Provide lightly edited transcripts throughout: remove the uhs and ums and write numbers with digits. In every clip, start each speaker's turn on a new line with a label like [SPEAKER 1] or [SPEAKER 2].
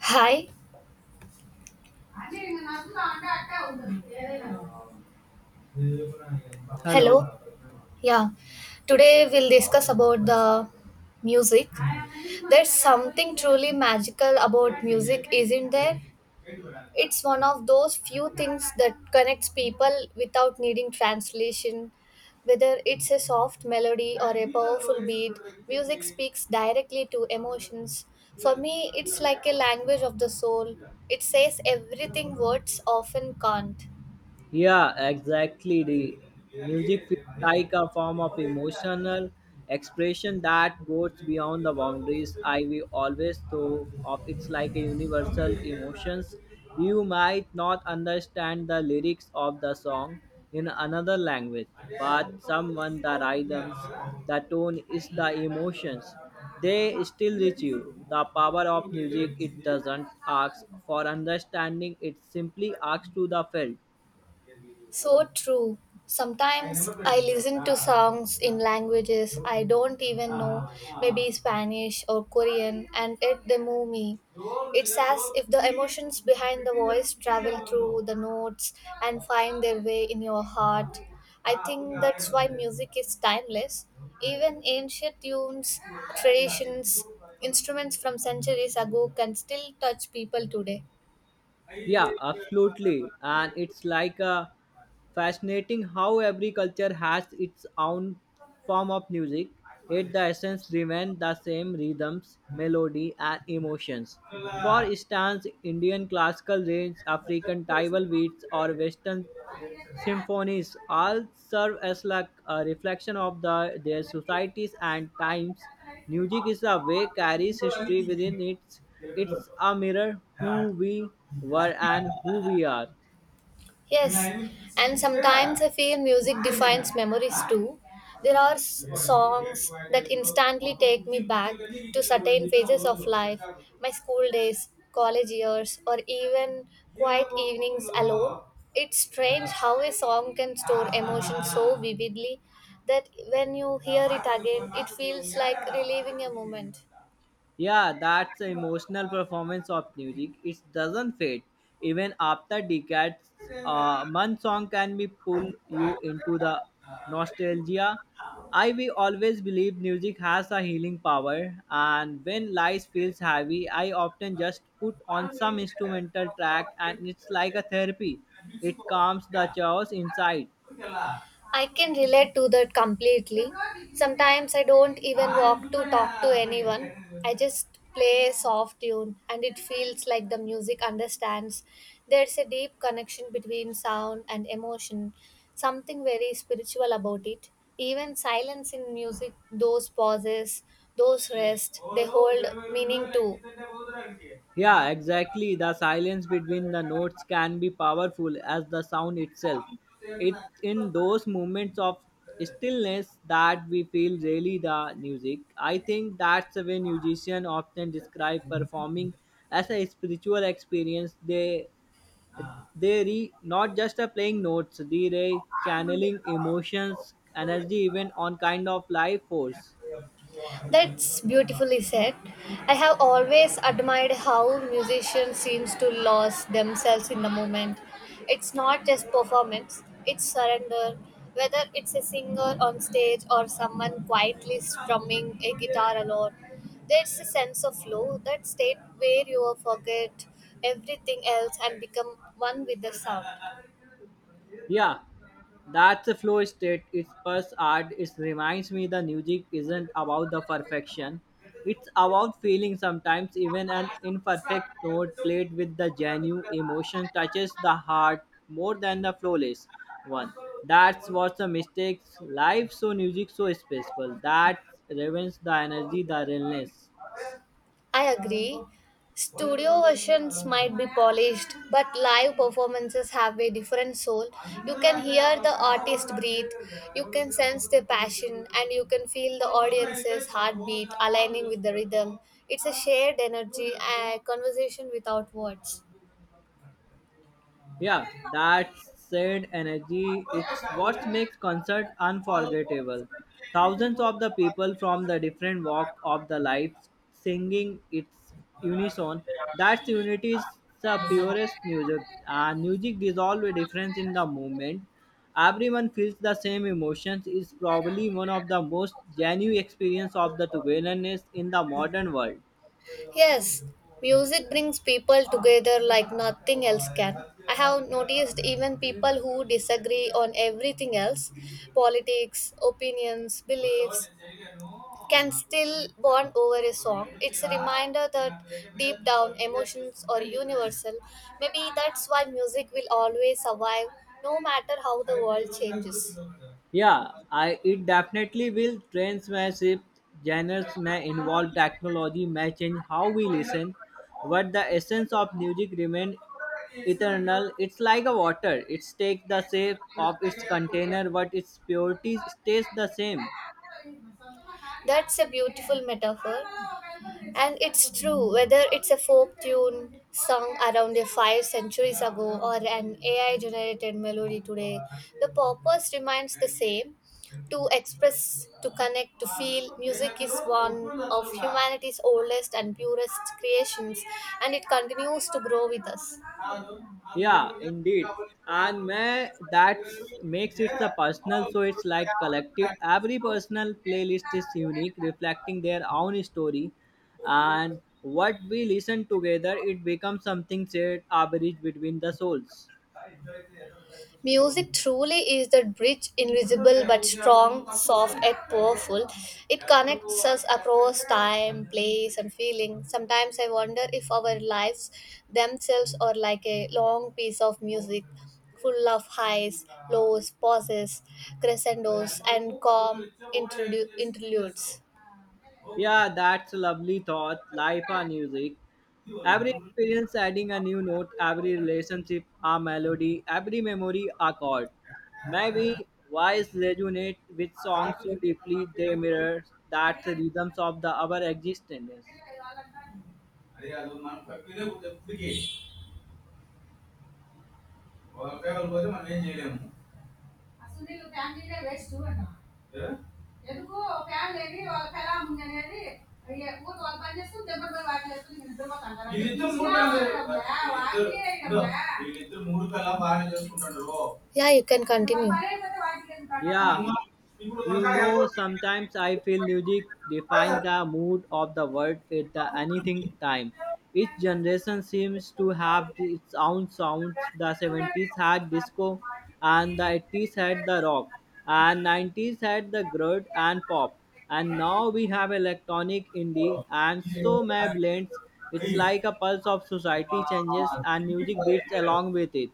[SPEAKER 1] Hi,
[SPEAKER 2] Hello.
[SPEAKER 1] hello. Yeah, today we'll discuss about the music. There's something truly magical about music, isn't there? It's one of those few things that connects people without needing translation. Whether it's a soft melody or a powerful beat, music speaks directly to emotions. For me, it's like a language of the soul. It says everything words often can't.
[SPEAKER 2] Yeah, exactly. The music feels like a form of emotional expression that goes beyond the boundaries I we always thought of. It's like a universal emotions. You might not understand the lyrics of the song in another language, but someone the rhythms, the tone is the emotions. They still reach you. The power of music it doesn't ask for understanding, it simply asks to the felt.
[SPEAKER 1] So true. Sometimes I listen to songs in languages I don't even know, maybe Spanish or Korean, and it they move me. It's as if the emotions behind the voice travel through the notes and find their way in your heart. I think that's why music is timeless. Even ancient tunes, traditions, instruments from centuries ago can still touch people today.
[SPEAKER 2] Yeah, absolutely. And it's like fascinating how every culture has its own form of music, yet the essence remains the same rhythms, melody, and emotions. For instance, Indian classical range, African tribal beats, or Western symphonies all serve as like a reflection of their societies and times. Music is a way carries history within it. It's a mirror who we were and who we are.
[SPEAKER 1] Yes, and sometimes I feel music defines memories too. There are songs that instantly take me back to certain phases of life, my school days, college years, or even quiet evenings alone. It's strange how a song can store emotions so vividly that when you hear it again, it feels like reliving a moment.
[SPEAKER 2] Yeah, that's the emotional performance of music. It doesn't fade. Even after decades, one song can be pull you into the nostalgia. I will always believe music has a healing power, and when life feels heavy, I often just put on some instrumental track, and it's like a therapy. It calms the chaos inside.
[SPEAKER 1] I can relate to that completely. Sometimes I don't even walk to talk to anyone. I just play a soft tune and it feels like the music understands. There's a deep connection between sound and emotion, something very spiritual about it. Even silence in music, those pauses, those rests, they hold meaning too.
[SPEAKER 2] Yeah, exactly. The silence between the notes can be powerful as the sound itself. It in those moments of stillness that we feel really the music. I think that's when musicians often describe performing as a spiritual experience. They re not just a playing notes, they re channeling emotions, energy, even on kind of life force.
[SPEAKER 1] That's beautifully said. I have always admired how musicians seems to lose themselves in the moment. It's not just performance, it's surrender. Whether it's a singer on stage or someone quietly strumming a guitar alone, there's a sense of flow, that state where you forget everything else and become one with the sound.
[SPEAKER 2] Yeah, that's a flow state. It's past art. It reminds me the music isn't about the perfection. It's about feeling sometimes even an imperfect note played with the genuine emotion touches the heart more than the flawless one. That's what's the mistakes. Life so music so special. That revens the energy, the realness.
[SPEAKER 1] I agree. Studio versions might be polished, but live performances have a different soul. You can hear the artist breathe, you can sense their passion, and you can feel the audience's heartbeat aligning with the rhythm. It's a shared energy, a conversation without words.
[SPEAKER 2] Yeah, that said energy, it's what makes concert unforgettable. Thousands of the people from the different walk of the life singing its unison. That's unity is the purest music. And music dissolves a difference in the movement. Everyone feels the same emotions is probably one of the most genuine experience of the togetherness in the modern world.
[SPEAKER 1] Yes, music brings people together like nothing else can. I have noticed even people who disagree on everything else, politics, opinions, beliefs, can still bond over a song. It's a reminder that deep down emotions are universal. Maybe that's why music will always survive no matter how the world changes.
[SPEAKER 2] Yeah, I it definitely will. Trends may shift, genres may involve, technology may change how we listen, but the essence of music remains eternal. It's like a water; it takes the shape of its container, but its purity stays the same.
[SPEAKER 1] That's a beautiful metaphor. And it's true, whether it's a folk tune sung around a five centuries ago or an AI generated melody today, the purpose remains the same, to express, to connect, to feel. Music is one of humanity's oldest and purest creations, and it continues to grow with us.
[SPEAKER 2] Yeah, indeed. And may that makes it the personal, so it's like collective. Every personal playlist is unique, reflecting their own story. And what we listen together, it becomes something shared, average between the souls.
[SPEAKER 1] Music truly is that bridge, invisible but strong, soft yet powerful. It connects us across time, place, and feeling. Sometimes I wonder if our lives themselves are like a long piece of music, full of highs, lows, pauses, crescendos, and calm interludes.
[SPEAKER 2] Yeah, that's a lovely thought. Life and music. Every experience adding a new note, every relationship a melody, every memory a chord. Maybe wise resonate with songs so deeply they mirror that the rhythms of the our existence.
[SPEAKER 1] Yeah, you can continue.
[SPEAKER 2] Yeah, you know, sometimes I feel music defines the mood of the world at the anything time. Each generation seems to have its own sounds. The 70s had disco, and the 80s had the rock, and 90s had the grunge and pop, and now we have electronic indie and so many blends. It's like a pulse of society changes, and music beats along with it.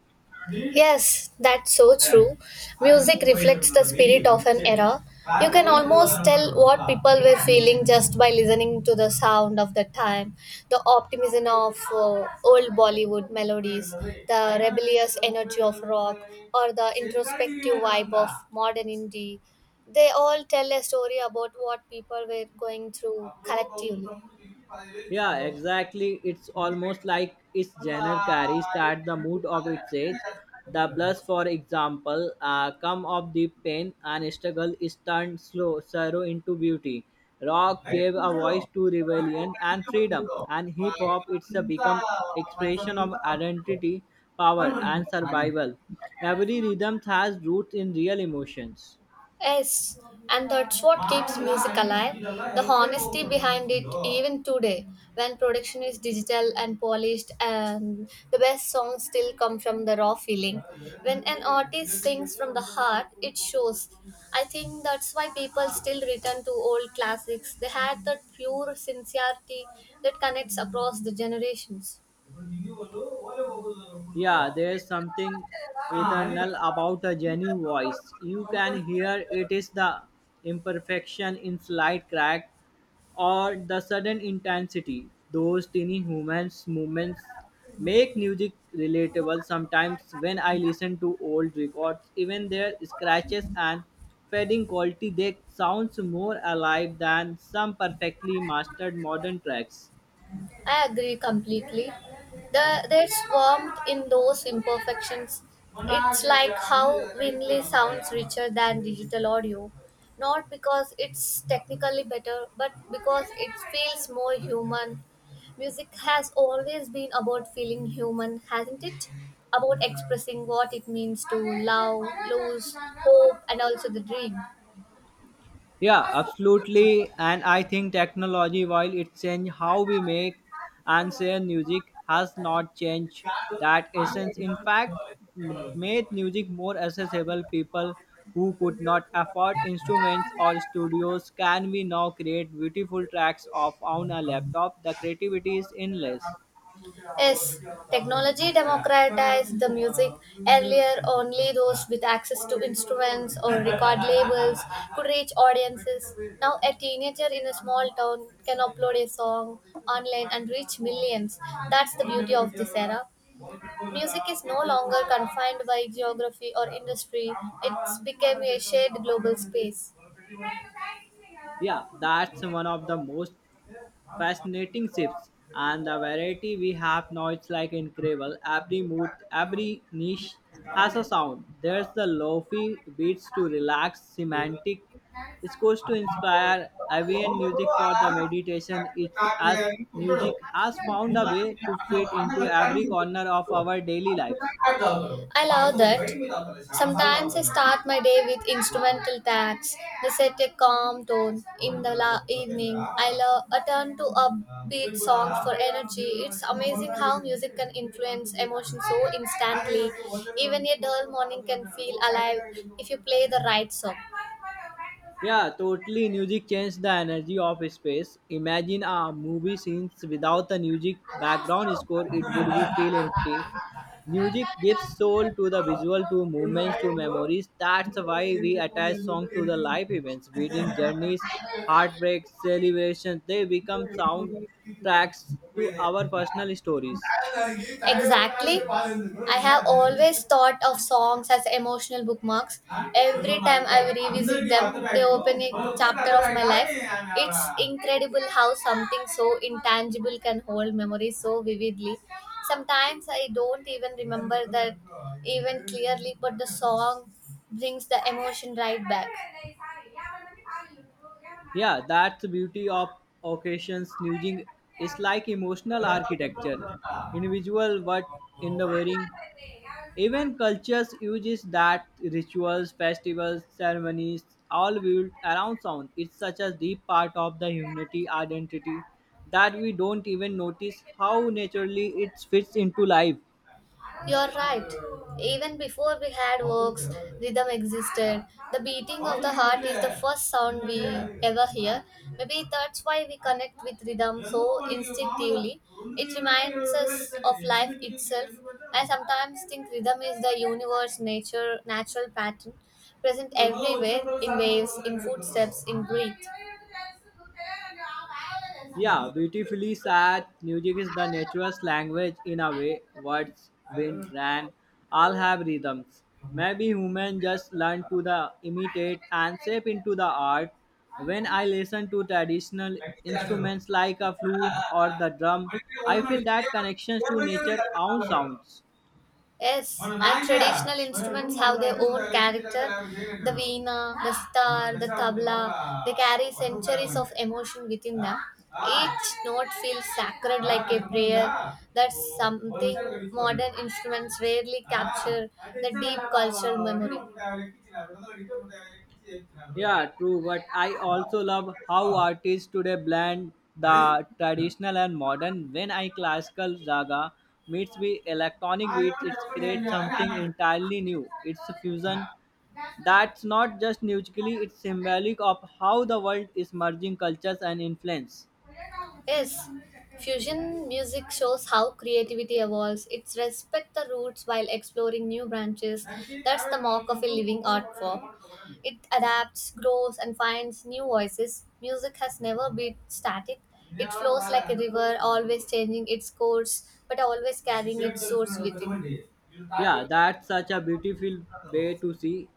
[SPEAKER 1] Yes, that's so true. Music reflects the spirit of an era. You can almost tell what people were feeling just by listening to the sound of the time. The optimism of old Bollywood melodies, the rebellious energy of rock, or the introspective vibe of modern indie. They all tell a story about what people were going through collectively.
[SPEAKER 2] Yeah, exactly. It's almost like its genre carries that the mood of its age. The blues, for example, come of deep pain and struggle is turned slow sorrow into beauty. Rock gave a voice to rebellion and freedom, and hip hop it's a become expression of identity, power, and survival. Every rhythm has roots in real emotions.
[SPEAKER 1] Yes, and that's what keeps music alive. The honesty behind it, even today, when production is digital and polished, and the best songs still come from the raw feeling. When an artist sings from the heart, it shows. I think that's why people still return to old classics. They had that pure sincerity that connects across the generations.
[SPEAKER 2] Yeah, there's something eternal about a genuine voice. You can hear it is the imperfection in slight crack or the sudden intensity. Those tiny humans movements make music relatable sometimes when I listen to old records, even their scratches and fading quality they sounds more alive than some perfectly mastered modern tracks.
[SPEAKER 1] I agree completely. There's warmth in those imperfections. It's like how Winley sounds richer than digital audio, not because it's technically better, but because it feels more human. Music has always been about feeling human, hasn't it? About expressing what it means to love, lose, hope, and also the dream.
[SPEAKER 2] Yeah, absolutely. And I think technology, while it changed how we make and share music, has not changed that essence. In fact, made music more accessible. People who could not afford instruments or studios can we now create beautiful tracks of on a laptop. The creativity is endless.
[SPEAKER 1] Yes, technology democratized the music. Earlier, only those with access to instruments or record labels could reach audiences. Now, a teenager in a small town can upload a song online and reach millions. That's the beauty of this era. Music is no longer confined by geography or industry, it's become a shared global space.
[SPEAKER 2] Yeah, that's one of the most fascinating shifts, and the variety we have now is like incredible. Every mood, every niche has a sound. There's the lofi beats to relax, semantic scores to inspire, ambient music for the meditation. It's as music has found a way to fit into every corner of our daily lives.
[SPEAKER 1] I love that. Sometimes I start my day with instrumental tracks. They set a calm tone. In the evening, I love a turn to upbeat songs for energy. It's amazing how music can influence emotion so instantly. Even a dull morning can feel alive if you play the right song.
[SPEAKER 2] Yeah, totally. Music changed the energy of space. Imagine a movie scenes without the music background score, it would be feel empty. Music gives soul to the visual, to movements, to memories. That's why we attach song to the life events, wedding journeys, heartbreaks, celebrations. They become soundtracks to our personal stories.
[SPEAKER 1] Exactly. I have always thought of songs as emotional bookmarks. Every time I revisit them, they open a chapter of my life. It's incredible how something so intangible can hold memories so vividly. Sometimes I don't even remember that even clearly, but the song brings the emotion right back.
[SPEAKER 2] Yeah, that's the beauty of occasions. Nudging is like emotional architecture, individual what in the wearing. Even cultures uses that rituals, festivals, ceremonies, all built around sound. It's such a deep part of the humanity identity that we don't even notice how naturally it fits into life.
[SPEAKER 1] You're right. Even before we had works, rhythm existed. The beating of the heart is the first sound we ever hear. Maybe that's why we connect with rhythm so instinctively. It reminds us of life itself. I sometimes think rhythm is the universe nature natural pattern present everywhere in waves, in footsteps, in breath.
[SPEAKER 2] Yeah, beautifully said. Music is the nature's language in a way. Words, wind, rain, all have rhythms. Maybe humans just learn to the imitate and shape into the art. When I listen to traditional instruments like a flute or the drum, I feel that connections to nature own sounds.
[SPEAKER 1] Yes, and traditional instruments have their own character. The veena, the sitar, the tabla, they carry centuries of emotion within them. Each note feels sacred like a prayer. That's something modern instruments rarely capture the deep cultural memory.
[SPEAKER 2] Yeah, true. But I also love how artists today blend the traditional and modern. When I classical zaga meets with electronic beats, it creates something entirely new. It's a fusion that's not just musically; it's symbolic of how the world is merging cultures and influence.
[SPEAKER 1] Yes, fusion music shows how creativity evolves. It's respect the roots while exploring new branches. That's the mark of a living art form. It adapts, grows, and finds new voices. Music has never been static. It flows like a river, always changing its course, but always carrying its source with
[SPEAKER 2] Yeah, that's such a beautiful way to see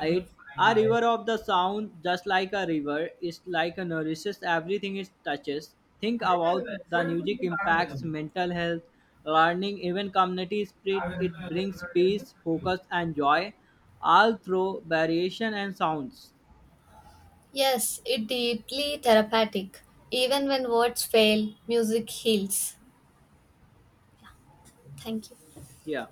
[SPEAKER 2] it. A
[SPEAKER 1] it.
[SPEAKER 2] river of the sound, just like a river, is like a nourishes everything it touches. Think about the music impacts mental health, learning, even community spirit. It brings peace, focus, and joy, all through variation and sounds.
[SPEAKER 1] Yes, it deeply therapeutic. Even when words fail, music heals. Thank you.
[SPEAKER 2] Yeah.